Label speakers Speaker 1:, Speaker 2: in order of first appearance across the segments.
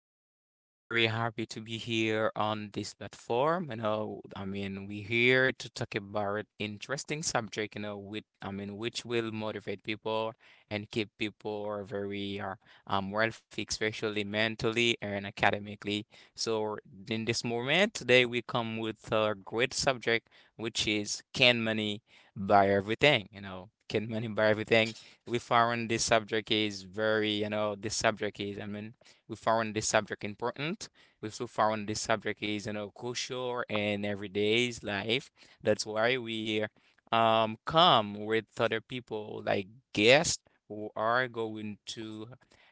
Speaker 1: everybody. We are very happy to be here on this platform. You know, I mean, we here to talk about interesting subject, you know, with, I mean, which will motivate people and keep people very wealthy, especially mentally and academically. So in this moment today, we come with a great subject, which is can money buy everything? You know, can money buy everything? We found this subject is very, you know, this subject is, I mean, we found this subject important. We also found this subject is, you know, crucial in everyday's life. That's why we come with other people like guests who are going to,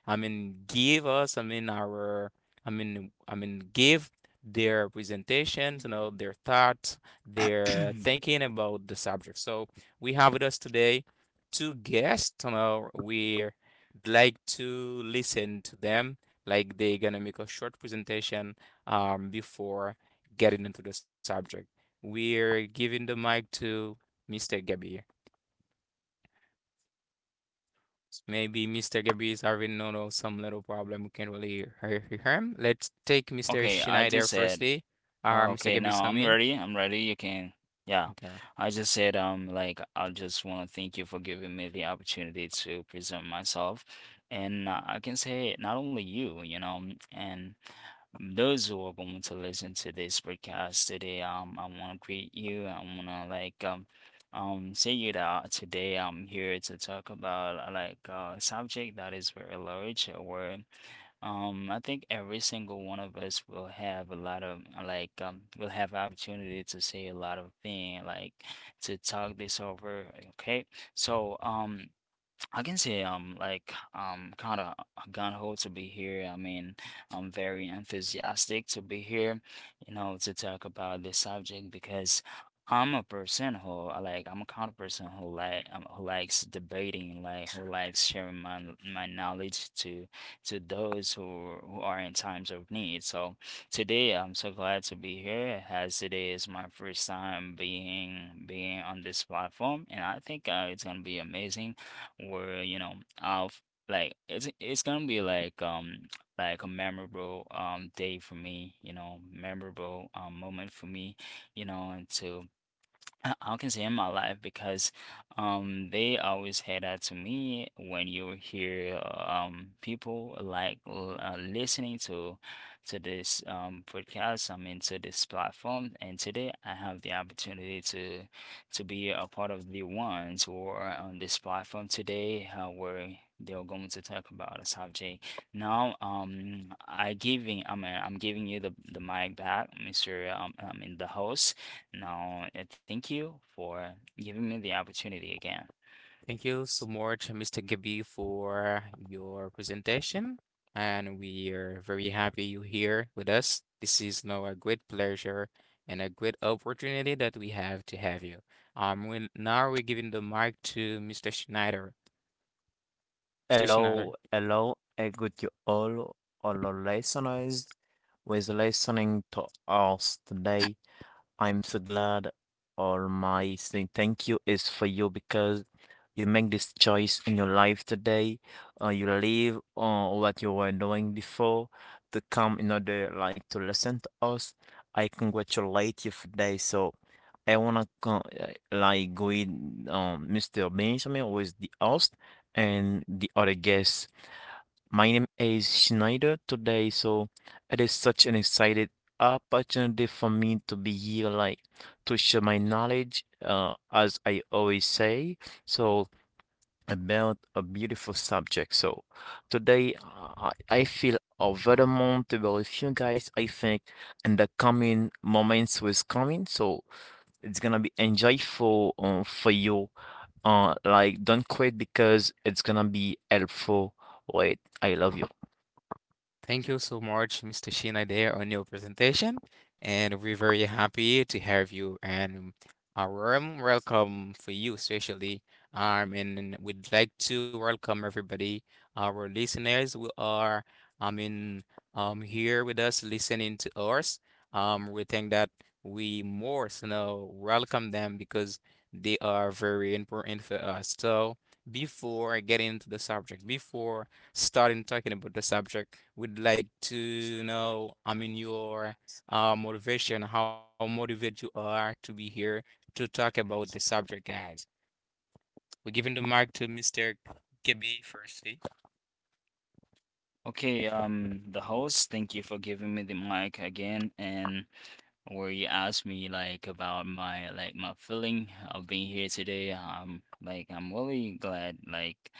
Speaker 1: I mean, give us, I mean, give their presentations, you know, their
Speaker 2: Nerd.
Speaker 1: thoughts, their thinking about the subject. So we have with us today two guests. Now we would like to listen to them, like they're gonna make a short presentation before getting into the subject. We're giving the mic to Mr. Gabby. Maybe Mr. Gabby is having no no some little problem. We can't really hear him. Let's take Mr.
Speaker 2: Okay, I
Speaker 1: Schneider
Speaker 2: just said,
Speaker 1: firstly. Mr.
Speaker 2: okay,
Speaker 1: Gabby's
Speaker 2: now
Speaker 1: is
Speaker 2: I'm
Speaker 1: coming.
Speaker 2: ready. I'm ready. Yeah.
Speaker 1: Okay.
Speaker 2: I just said, I just want to thank you for giving me the opportunity to present myself. And I can say, not only you, you know, and those who are going to listen to this podcast today. I want to greet you. I want to, say you that today I'm here to talk about, a subject that is very large. Or I think every single one of us will have a lot of will have opportunity to say a lot of thing, to talk this over. Okay. So I can say I'm kind of gun ho to be here. I mean, I'm very enthusiastic to be here, you know, to talk about this subject because I'm a kind of person who who likes debating, like who likes sharing my knowledge to those who are in times of need. So today I'm so glad to be here, as today is my first time being on this platform, and I think it's gonna be amazing where, you know, I've it's gonna be like a memorable day for me, you know, memorable moment for me, you know. And to I can say in my life because they always had that to me when you hear people like listening to this podcast, I mean to this platform. And today I have the opportunity to be a part of the ones who are on this platform today, where they're going to talk about a subject. Now I'm giving you the mic back, Mr. I mean the host. No, thank you for giving me the opportunity again.
Speaker 1: Thank you so much, Mr. Gabi, for your presentation. And we are very happy you're here with us. This is now a great pleasure and a great opportunity that we have to have you. Now we're giving the mic to Mr. Schneider. Mr. Schneider,
Speaker 3: Hello, hello, and good to all our listeners who is listening to us today. I'm so glad all my saying thank you is for you because you make this choice in your life today. You leave what you were doing before to come in order like to listen to us. I congratulate you for today. So I wanna con like go in Mr. Benjamin who is the host and the other guests. My name is Schneider today, so it is such an excited opportunity for me to be here, like to share my knowledge, as I always say, so about a beautiful subject. So today, I feel overwhelmed with you guys, I think, in the coming moments was coming, so it's gonna be enjoyable, for you. Like don't quit because it's gonna be helpful. Wait, I love you.
Speaker 1: thank you so much, Mr. Sheena, there on your presentation, and we're very happy to have you and a warm welcome for you, especially. And we'd like to welcome everybody, our listeners who are, I mean, here with us listening to us. We think that we more so now welcome them because they are very important for us. So before I get into the subject, before starting talking about the subject, we'd like to know, I mean, your motivation, how motivated you are to be here to talk about the subject, guys. We're giving the mic to Mr. KB firstly.
Speaker 2: Okay, the host, thank you for giving me the mic again, and where you asked me about my feeling of being here today. I'm really glad like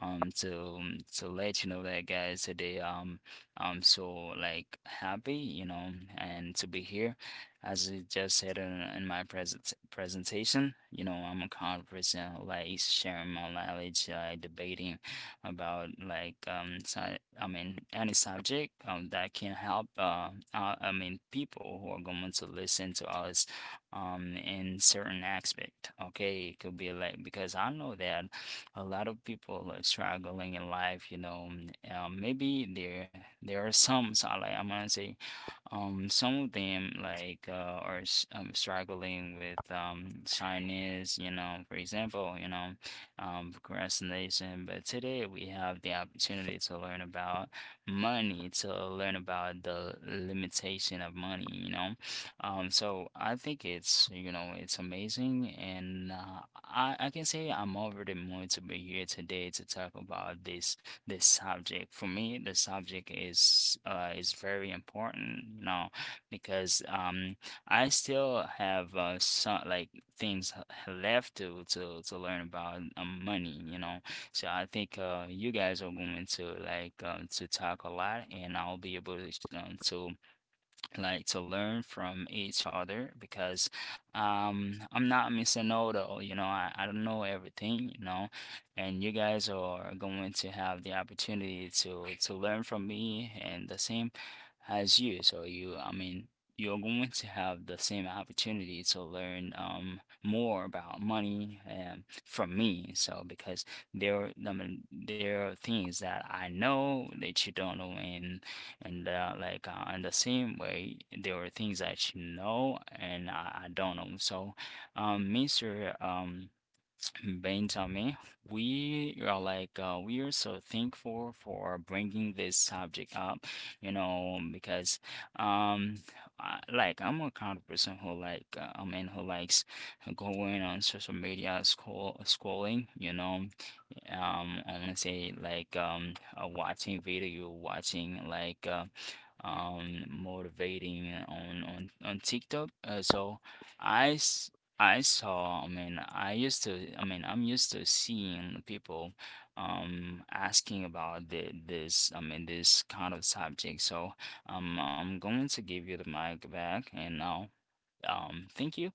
Speaker 2: um to let you know that, guys, today I'm so like happy, you know, and to be here. As I just said in my presentation, you know, I'm a kind of person like sharing my knowledge, debating about I mean any subject that can help I mean people who are going to listen to us in certain aspect. Okay, it could be like because I know that a lot of people are struggling in life. You know, maybe there are some, so like I'm gonna say some of them are struggling with shyness, you know, for example, you know, procrastination. But today we have the opportunity to learn about money, to learn about the limitation of money, you know. So I think it's, you know, it's amazing. And I can say I'm already more to be here today to talk about this subject. For me, the subject is very important, you know, because I still have some like things left to to learn about money, you know. So I think you guys are going to to talk a lot, and I'll be able to like to learn from each other because I'm not Mr. Know-it-all, you know. I don't know everything, you know, and you guys are going to have the opportunity to learn from me and the same as you. So you're going to have the same opportunity to learn more about money, from me. So because there are things that I know that you don't know, and in the same way, there are things that you know and I don't know. So, Mr. Benjamin, we are we are so thankful for bringing this subject up, you know, because um, I, like I'm a kind of person who I mean who likes going on social media, scrolling, you know. I want to say watching video, watching motivating on TikTok. So I s- I saw, I'm used to seeing people asking about the, this, I mean, this kind of subject. So I'm going to give you the mic back and now thank you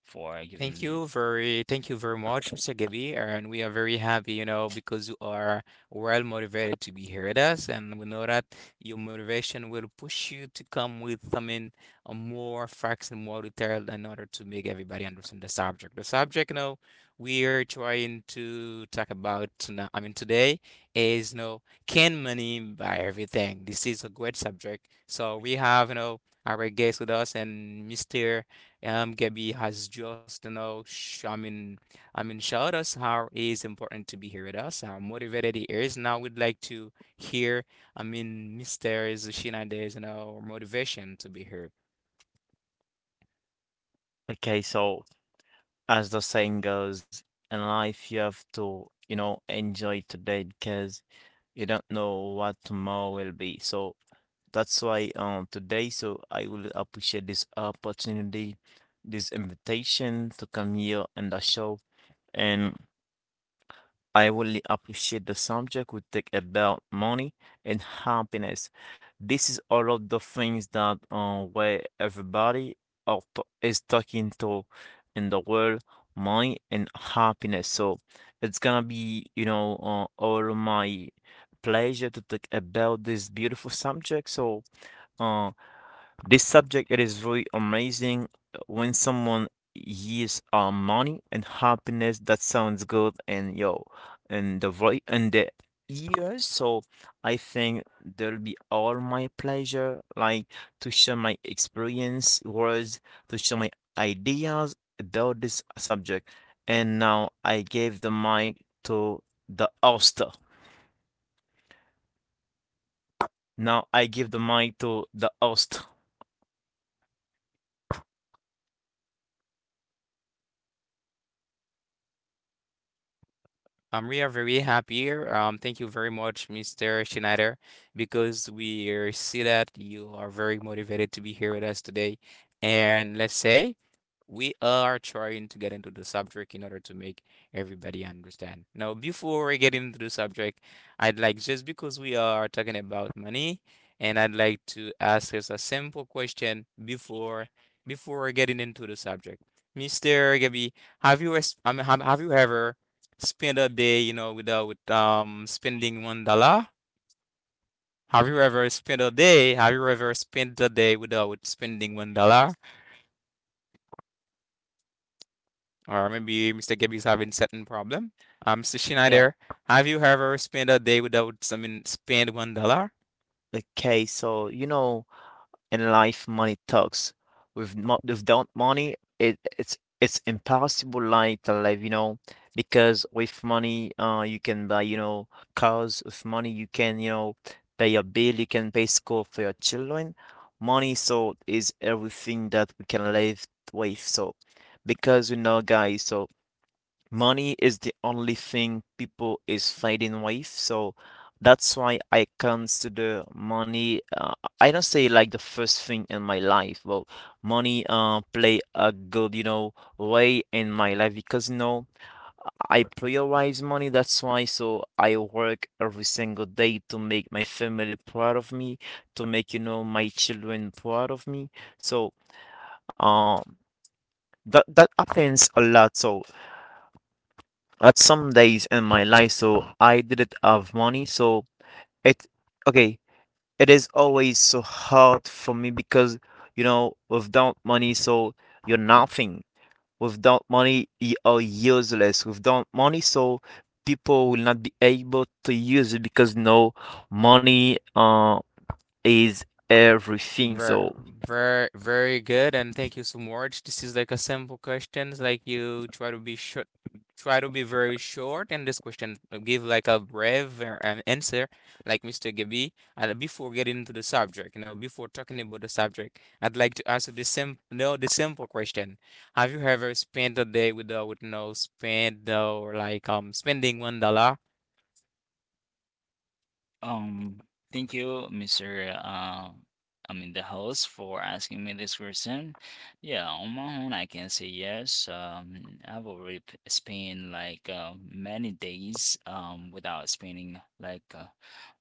Speaker 2: for
Speaker 1: Thank
Speaker 2: giving
Speaker 1: you
Speaker 2: them
Speaker 1: thank you very much, Mr. Gabby, and we are very happy, you know, because you are well motivated to be here with us, and we know that your motivation will push you to come with, I mean, more facts and more detail in order to make everybody understand the subject. The subject, you know, we are trying to talk about, I mean, today is, you know, can money buy everything? This is a great subject. So we have, you know, our guest with us. And Mr. Gabby has just, you know, sh I mean, showed us how it is important to be here with us, how motivated he is. Now we'd like to hear, I mean, mysteries, is she nowadays, you know, or motivation to be here.
Speaker 3: Okay, so as the saying goes, in life you have to, you know, enjoy today because you don't know what tomorrow will be. So that's why today, so I will appreciate this opportunity, this invitation to come here and the show. And I really appreciate the subject we take about money and happiness. This is all of the things that where everybody is talking to in the world, money and happiness. So it's gonna be, you know, all my pleasure to talk about this beautiful subject. So uh, this subject it is really amazing when someone hears money and happiness that sounds good and yo and the voice and the ears. So I think there'll be all my pleasure like to share my experience words to share my ideas about this subject. And now I gave the mic to the host. Now I give the mic to the host.
Speaker 1: We are very happy here. Thank you very much, Mr. Schneider, because we see that you are very motivated to be here with us today. And let's say we are trying to get into the subject in order to make everybody understand. Now, before we get into the subject, I'd like, just because we are talking about money, and I'd like to ask us a simple question before getting into the subject. Mr. Gabby, have you I mean, have you ever spend a day, you know, without spending $1? Have you ever spent a day? Have you ever spent a day without spending $1? Or maybe Mr. Gabby is having certain problem. Mr.
Speaker 2: yeah.
Speaker 1: Schneider, have you ever spent a day without someone spend $1?
Speaker 3: Okay, so you know, in life, money talks. Without money, it's impossible life to live, you know, because with money, you can buy, you know, cars. With money, you can, you know, pay your bill. You can pay school for your children. Money, so is everything that we can live with. So, because you know, guys, so money is the only thing people is fighting with, so that's why I consider money, I don't say like the first thing in my life, but money, uh, play a good, you know, way in my life because you know I prioritize money. That's why, so I work every single day to make my family proud of me, to make, you know, my children proud of me. So um that happens a lot. So at some days in my life, so I didn't have money. So it, okay, it is always so hard for me because you know without money, so you're nothing. Without money you are useless. Without money, so people will not be able to use it because no, money, uh, is everything.
Speaker 1: Very,
Speaker 3: So
Speaker 1: very, very good, and thank you so much. This is like a simple questions, like you try to be short, try to be very short, and this question give like a brave an answer, like Mr. Gabi. And before getting into the subject, you know, before talking about the subject, I'd like to ask you the sim, no, the simple question: have you ever spent a day without, with no spend or like spending $1?
Speaker 2: Um, Thank you, Mr. I mean the host, for asking me this question. Yeah, on my own, I can say yes. I've already spent many days without spending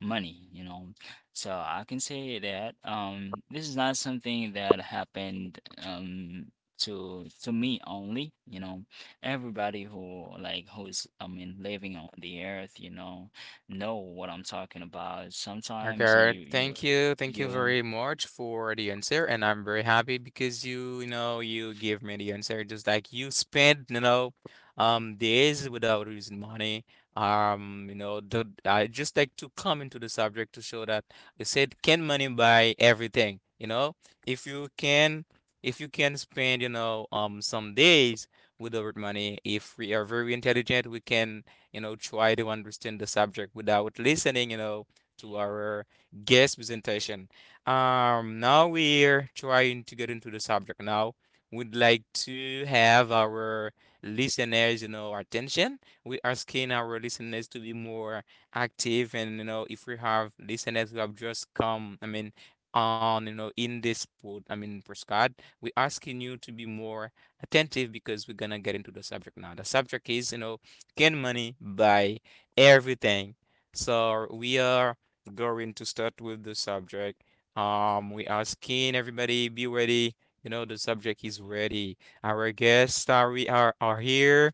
Speaker 2: money, you know. So I can say that this is not something that happened um to me only, you know. Everybody who who's I mean living on the earth, you know what I'm talking about. Sometimes
Speaker 1: Okay,
Speaker 2: you
Speaker 1: thank
Speaker 2: right,
Speaker 1: you. Thank you
Speaker 2: you
Speaker 1: very much for the answer. And I'm very happy because you know, you give me the answer just like you spend, you know, days without using money. You know, I just like to come into the subject to show that you said, can money buy everything? You know, if you can, if you can spend, you know, some days without money, if we are very intelligent, we can, you know, try to understand the subject without listening, you know, to our guest presentation. Now we're trying to get into the subject. Now we'd like to have our listeners, you know, attention. We're asking our listeners to be more active, and you know, if we have listeners who have just come, I mean, on you know, in this I mean, postcard, we're asking you to be more attentive because we're gonna get into the subject now. The subject is, you know, can money buy everything? So we are going to start with the subject. We asking everybody be ready. You know, the subject is ready. Our guests are we are here.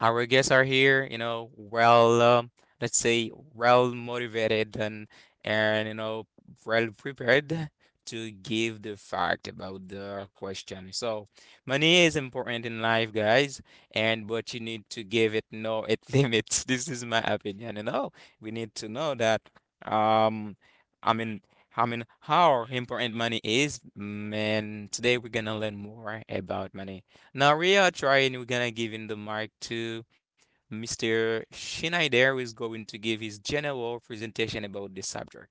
Speaker 1: Our guests are here, you know, well, let's say, well motivated and you know, well prepared to give the fact about the question. So, money is important in life, guys, and but you need to give it no it limits. This is my opinion. You know, we need to know that. Um, I mean. I mean, how important money is, man. Today we're gonna learn more about money. Now we are trying, we're gonna give in the mic to Mr. Schneider, who is going to give his general presentation about this subject.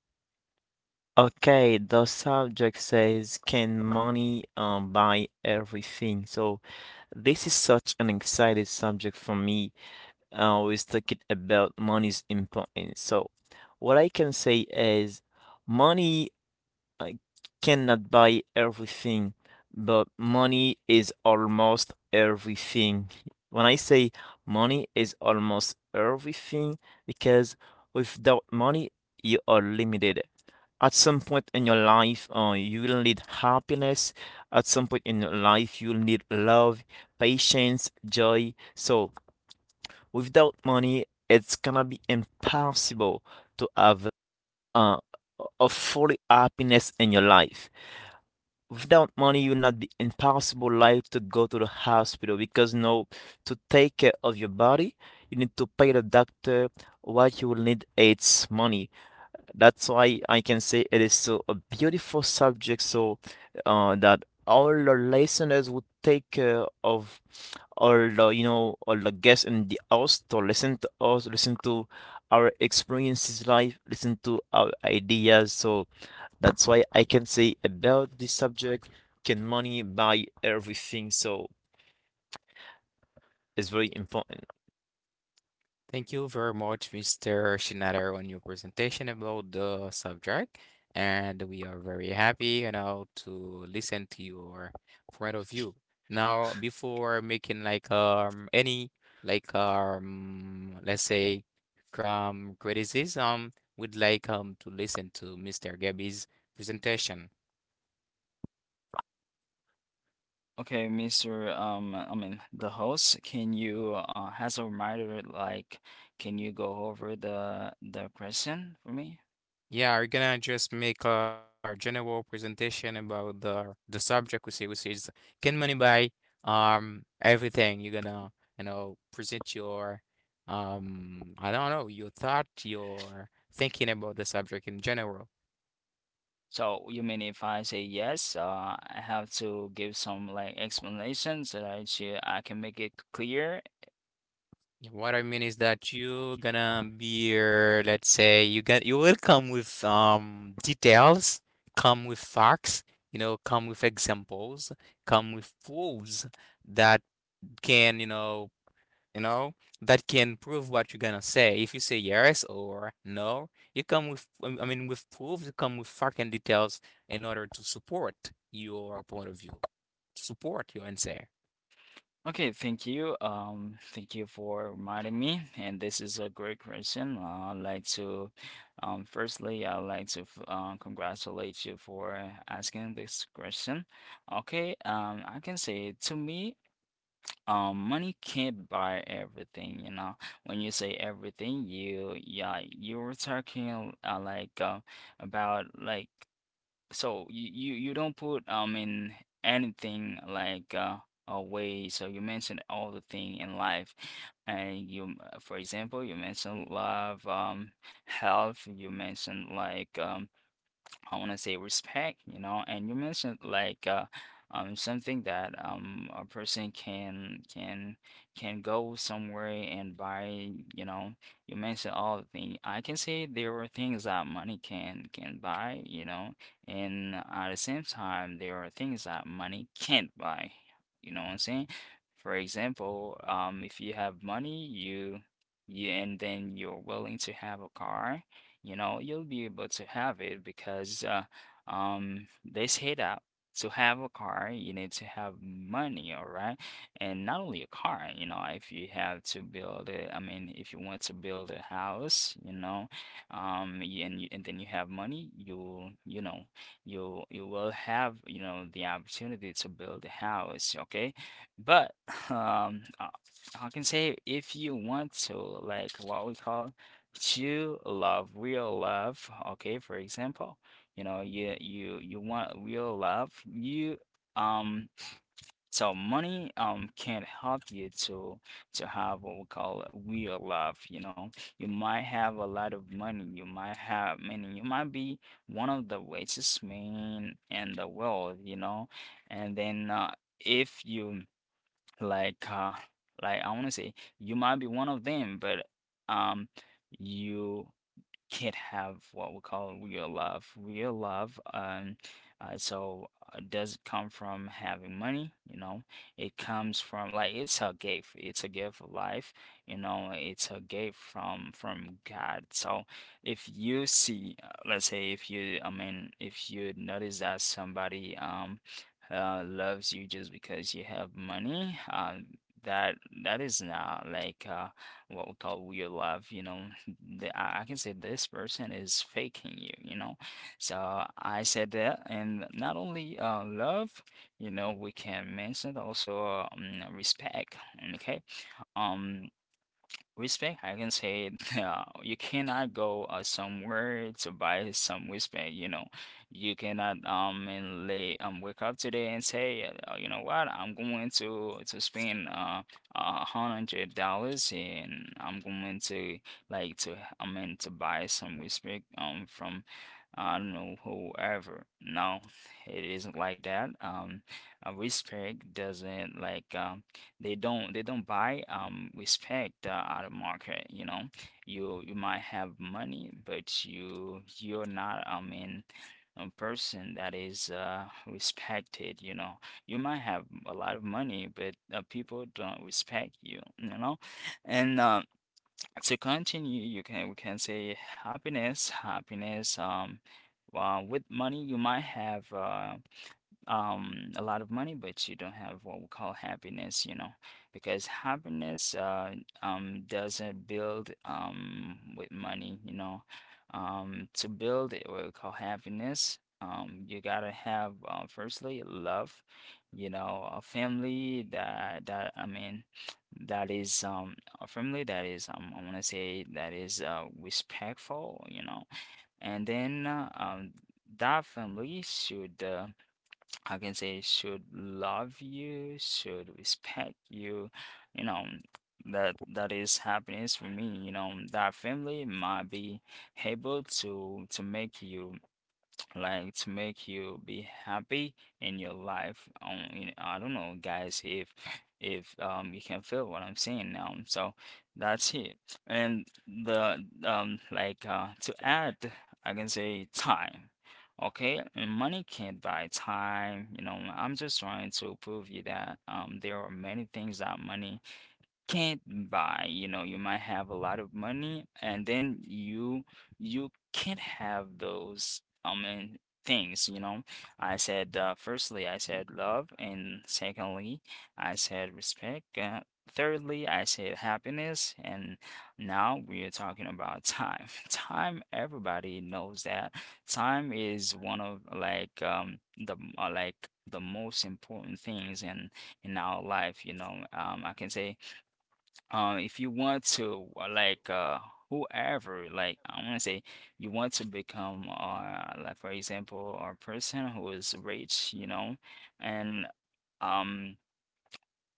Speaker 3: okay, the subject says, can money buy everything? So this is such an exciting subject for me. I always talking about money's importance. So, what I can say is, money I cannot buy everything, but money is almost everything. When I say money is almost everything, because without money, you are limited. At some point in your life, you will need happiness. At some point in your life, you'll need love, patience, joy. So, without money, it's gonna be impossible to have uh, a fully happiness in your life. Without money you will not be impossible like to go to the hospital because no, to take care of your body you need to pay the doctor. What you will need, it's money. That's why I can say it is so a beautiful subject. So that all the listeners would take care of all the, you know, all the guests in the house to listen to us, listen to our experiences life, listen to our ideas. So that's why I can say about this subject, can money buy everything? So it's very important.
Speaker 1: Thank you very much, Mr. Schneider, on your presentation about the subject. And we are very happy, you know, to listen to your point of view. Now, before making like any like let's say from criticism, we'd like to listen to Mr. Gabby's presentation.
Speaker 2: okay. Mr. I mean the host, can you has a reminder, like can you go over the question for me?
Speaker 1: Yeah, we're gonna just make a general presentation about the subject we see, which is can money buy everything? You're gonna, you know, present your I don't know, your thought, your thinking about the subject in general.
Speaker 2: So you mean if I say yes, I have to give some like explanation so that she, I can make it clear.
Speaker 1: Yeah, what I mean is that you're gonna be, let's say, you will come with details, come with facts, you know, come with examples, come with proofs that can, you know, you know, that can prove what you're gonna say. If you say yes or no, you come with, I mean, with proof, you come with fucking details in order to support your point of view, to support your answer.
Speaker 2: Okay, thank you. Thank you for reminding me. And this is a great question. I'd like to, firstly, I'd like to congratulate you for asking this question. Okay, I can say to me, money can't buy everything. You know, when you say everything, you yeah, you were talking about like, so you don't put in anything away. So you mentioned all the thing in life, and you for example, you mentioned love, health. You mentioned I want to say respect, you know, and you mentioned something that a person can can go somewhere and buy, you know, you mentioned all the things. I can say there are things that money can buy, you know, and at the same time there are things that money can't buy. You know what I'm saying? For example, if you have money, you and then you're willing to have a car, you know, you'll be able to have it because this hit out. To have a car, you need to have money, all right? And not only a car, you know, if you have to build a, I mean, if you want to build a house, you know, and you, and then you have money, you know, you will have, you know, the opportunity to build a house, okay? But um, I I can say if you want to, like what we call to love, real love, okay, for example, you know, you want real love. You um so money can not help you to have what we call real love, you know. You might have a lot of money, you might have meaning, you might be one of the richest men in the world, you know, and then if you like uh I want to say you might be one of them, but um you can't have what we call real love. Real love, so does come from having money, you know. It comes from like it's a gift. It's a gift of life, you know. It's a gift from God. So if you see, let's say, if you notice that somebody loves you just because you have money, that that is not what we call real love, you know. The, I can say this person is faking you, you know. So I said that. And not only love, you know, we can mention also respect. Okay, um, respect, I can say it. You cannot go somewhere to buy some respect. You know, you cannot and lay wake up today and say, you know what, I'm going to spend $100 and I'm going to I mean to buy some respect from I don't know whoever. No, it isn't like that. Respect doesn't like they don't buy respect out of market. You you might have money, but you're not, I mean, a person that is respected, you might have a lot of money, but people don't respect you, you know and To continue, you can we can say happiness. Well, with money you might have a lot of money, but you don't have what we call happiness. Because happiness doesn't build with money, To build it, what we call happiness, you gotta have, firstly, love. A family that, that is a family that is, I want to say, that is respectful, and then that family should, I can say, should love you, should respect you, you know, that is happiness for me, you know. That family might be able to make you, to make you be happy in your life, you know. I don't know, guys, if you can feel what I'm saying now. So that's it. And the like To add, I can say time. Okay. And money can't buy time, you know. I'm just trying to prove you that there are many things that money can't buy, you know. You might have a lot of money, and then you can't have those mean things, you know. I said, firstly, I said love, and secondly I said respect, thirdly I said happiness, and now we are talking about time. Time, everybody knows that time is one of, the most important things in our life, you know. I can say, if you want to, like whoever like I want to say, you want to become, for example, a person who is rich, you know. And um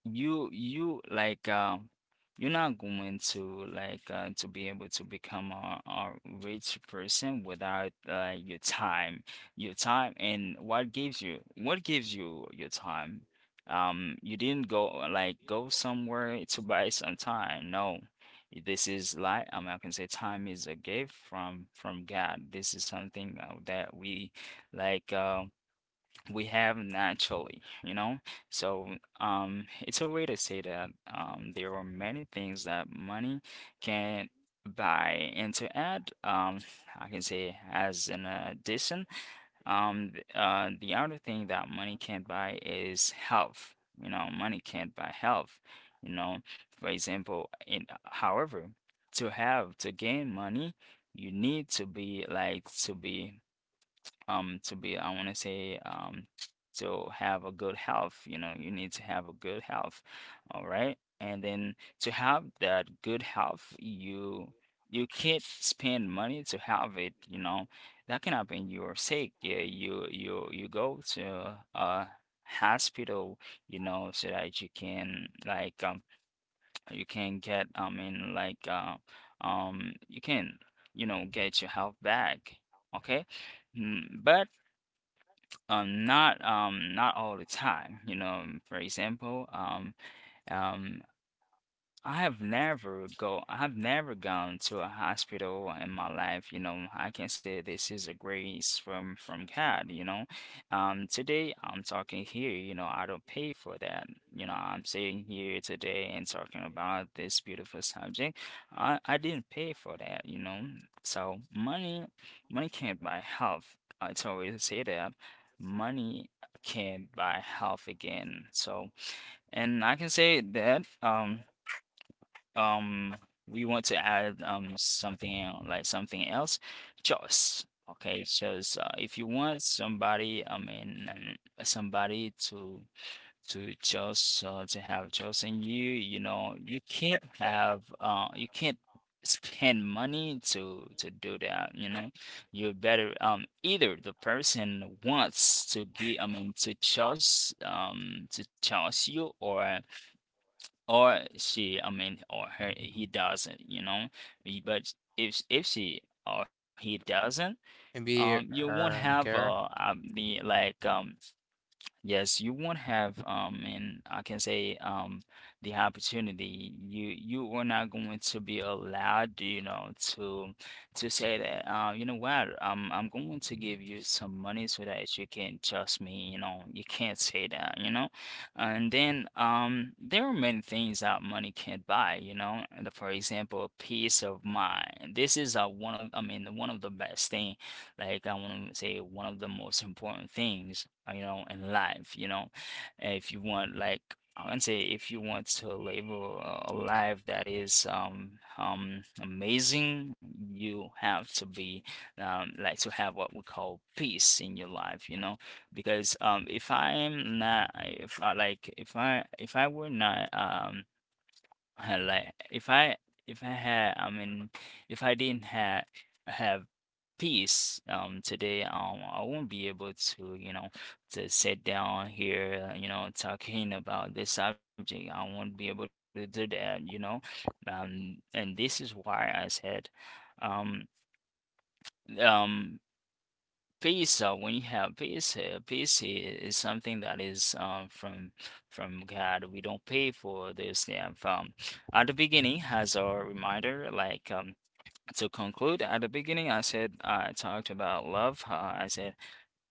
Speaker 2: you you like You're not going to, to be able to become a rich person without, your time. Your time. And what gives you, what gives you your time? You didn't go, go somewhere to buy some time. No, this is, I can say, time is a gift from God. This is something, that we, like uh, we have naturally, you know? So, it's a way to say that, there are many things that money can buy. And to add, I can say, as an addition, the other thing that money can't buy is health. You know, money can't buy health. You know, for example, in however, to have, to gain money, you need to be, like to be I want to say to have a good health, you know. You need to have a good health, all right? And then, to have that good health, you can't spend money to have it, you know. That can happen. You're sick? Yeah, you go to a hospital, you know, so that you can, you can get, you can, you know, get your health back. Okay. Mm, but not, not all the time, you know. For example, um, I have never gone to a hospital in my life, you know. I can say this is a grace from God, you know. Today I'm talking here, you know, I don't pay for that. You know, I'm sitting here today and talking about this beautiful subject. I didn't pay for that, you know. So money, money can't buy health. I always say that. Money can't buy health again. So, and I can say that, um we want to add, something something else. Choice. Okay, choice. If you want somebody, somebody to just to have choice in you, you know, you can't have, you can't spend money to do that, you know. You better, either the person wants to be, to choose, to choose you, or she, I mean or her he, doesn't, you know. But if she or he doesn't,
Speaker 1: Maybe,
Speaker 2: you won't
Speaker 1: care.
Speaker 2: have, the like yes, you won't have, and I can say, the opportunity. You are not going to be allowed, you know, to, say that, you know what, I'm going to give you some money so that you can trust me. You know, you can't say that, you know. And then, there are many things that money can't buy, you know. And for example, peace of mind. This is, one of, I mean, one of the best thing, I want to say, one of the most important things, you know, in life, you know. If you want, I can say, if you want to live a life that is, amazing, you have to be, to have what we call peace in your life, you know. Because, if I am not, if I were not, if I, if I had, I mean, if I didn't have peace, today, I won't be able to, you know, to sit down here, you know, talking about this subject. I won't be able to do that, you know. And this is why I said, um um peace. When you have peace, peace is something that is, from God. We don't pay for this. Yeah, from at the beginning, has a reminder, to conclude, at the beginning, I said, I talked about love. I said,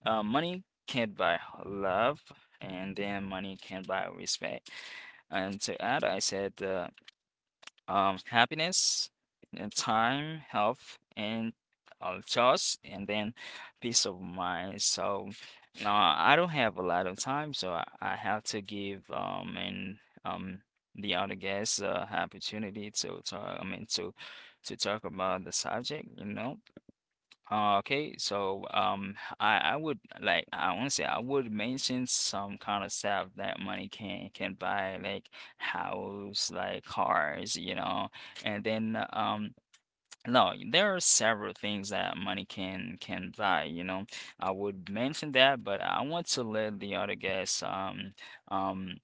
Speaker 2: money can't buy love, and then money can buy respect. And to add, I said, happiness, and time, health, and, choice, and then peace of mind. So now I don't have a lot of time, so I have to give, and um the other guests, opportunity to talk. I mean, to talk about the subject, you know. Okay, so, I would like I want to say, I would mention some kind of stuff that money can buy, like house, like cars, you know, and then, no, there are several things that money can buy, you know. I would mention that, but I want to let the other guests, um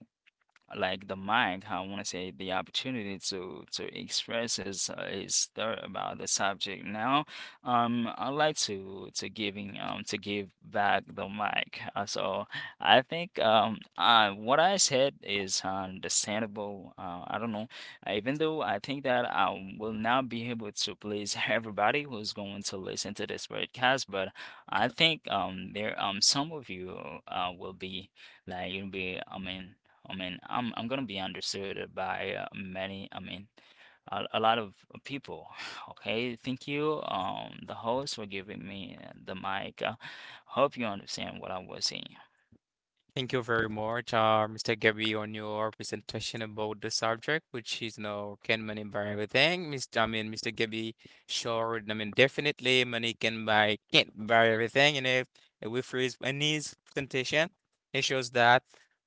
Speaker 2: the mic, I want to say, the opportunity to express his, his thought about the subject. Now, I like to giving to give back the mic. So I think, what I said is understandable. I don't know, even though I think that I will not be able to please everybody who's going to listen to this podcast, but I think, there, some of you, will be, like you'll be I mean, I'm gonna be understood by, many. I mean, a lot of people. Okay, thank you, the host for giving me, the mic. Hope you understand what I was saying.
Speaker 1: Thank you very much, Mr. Gabby, on your presentation about the subject, which is no can money buy everything. Mr. I mean, Mr. Gabby, showed, I mean, definitely money can't buy everything. And if we freeze in his presentation, it shows that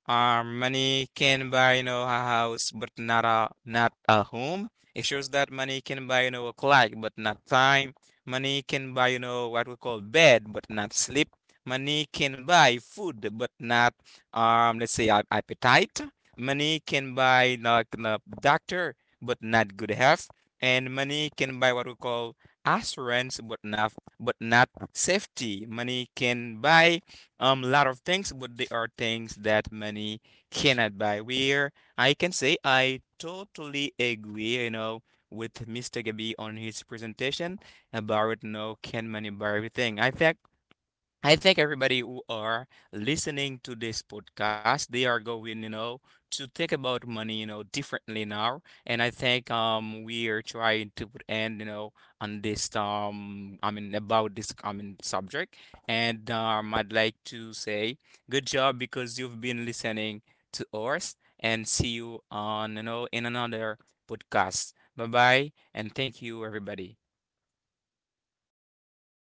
Speaker 1: money can buy you know a house, but not a not a home. It shows that money can buy you know a clock, but not time. Money can buy you know what we call bed, but not sleep. Money can buy food, but not, let's say, appetite. Money can buy like the doctor, but not good health. And money can buy what we call assurance, but not safety. Money can buy a lot of things, but there are things that money cannot buy. Where I can say I totally agree, you know, with Mr. Gabi on his presentation about, you know, can money buy everything? I think everybody who are listening to this podcast, they are going, you know, to think about money, you know, differently now. And I think we are trying to put end, you know, on this I mean about this common subject. And I'd like to say good job because you've been listening to us and see you on, you know, in another podcast. Bye bye and thank you everybody.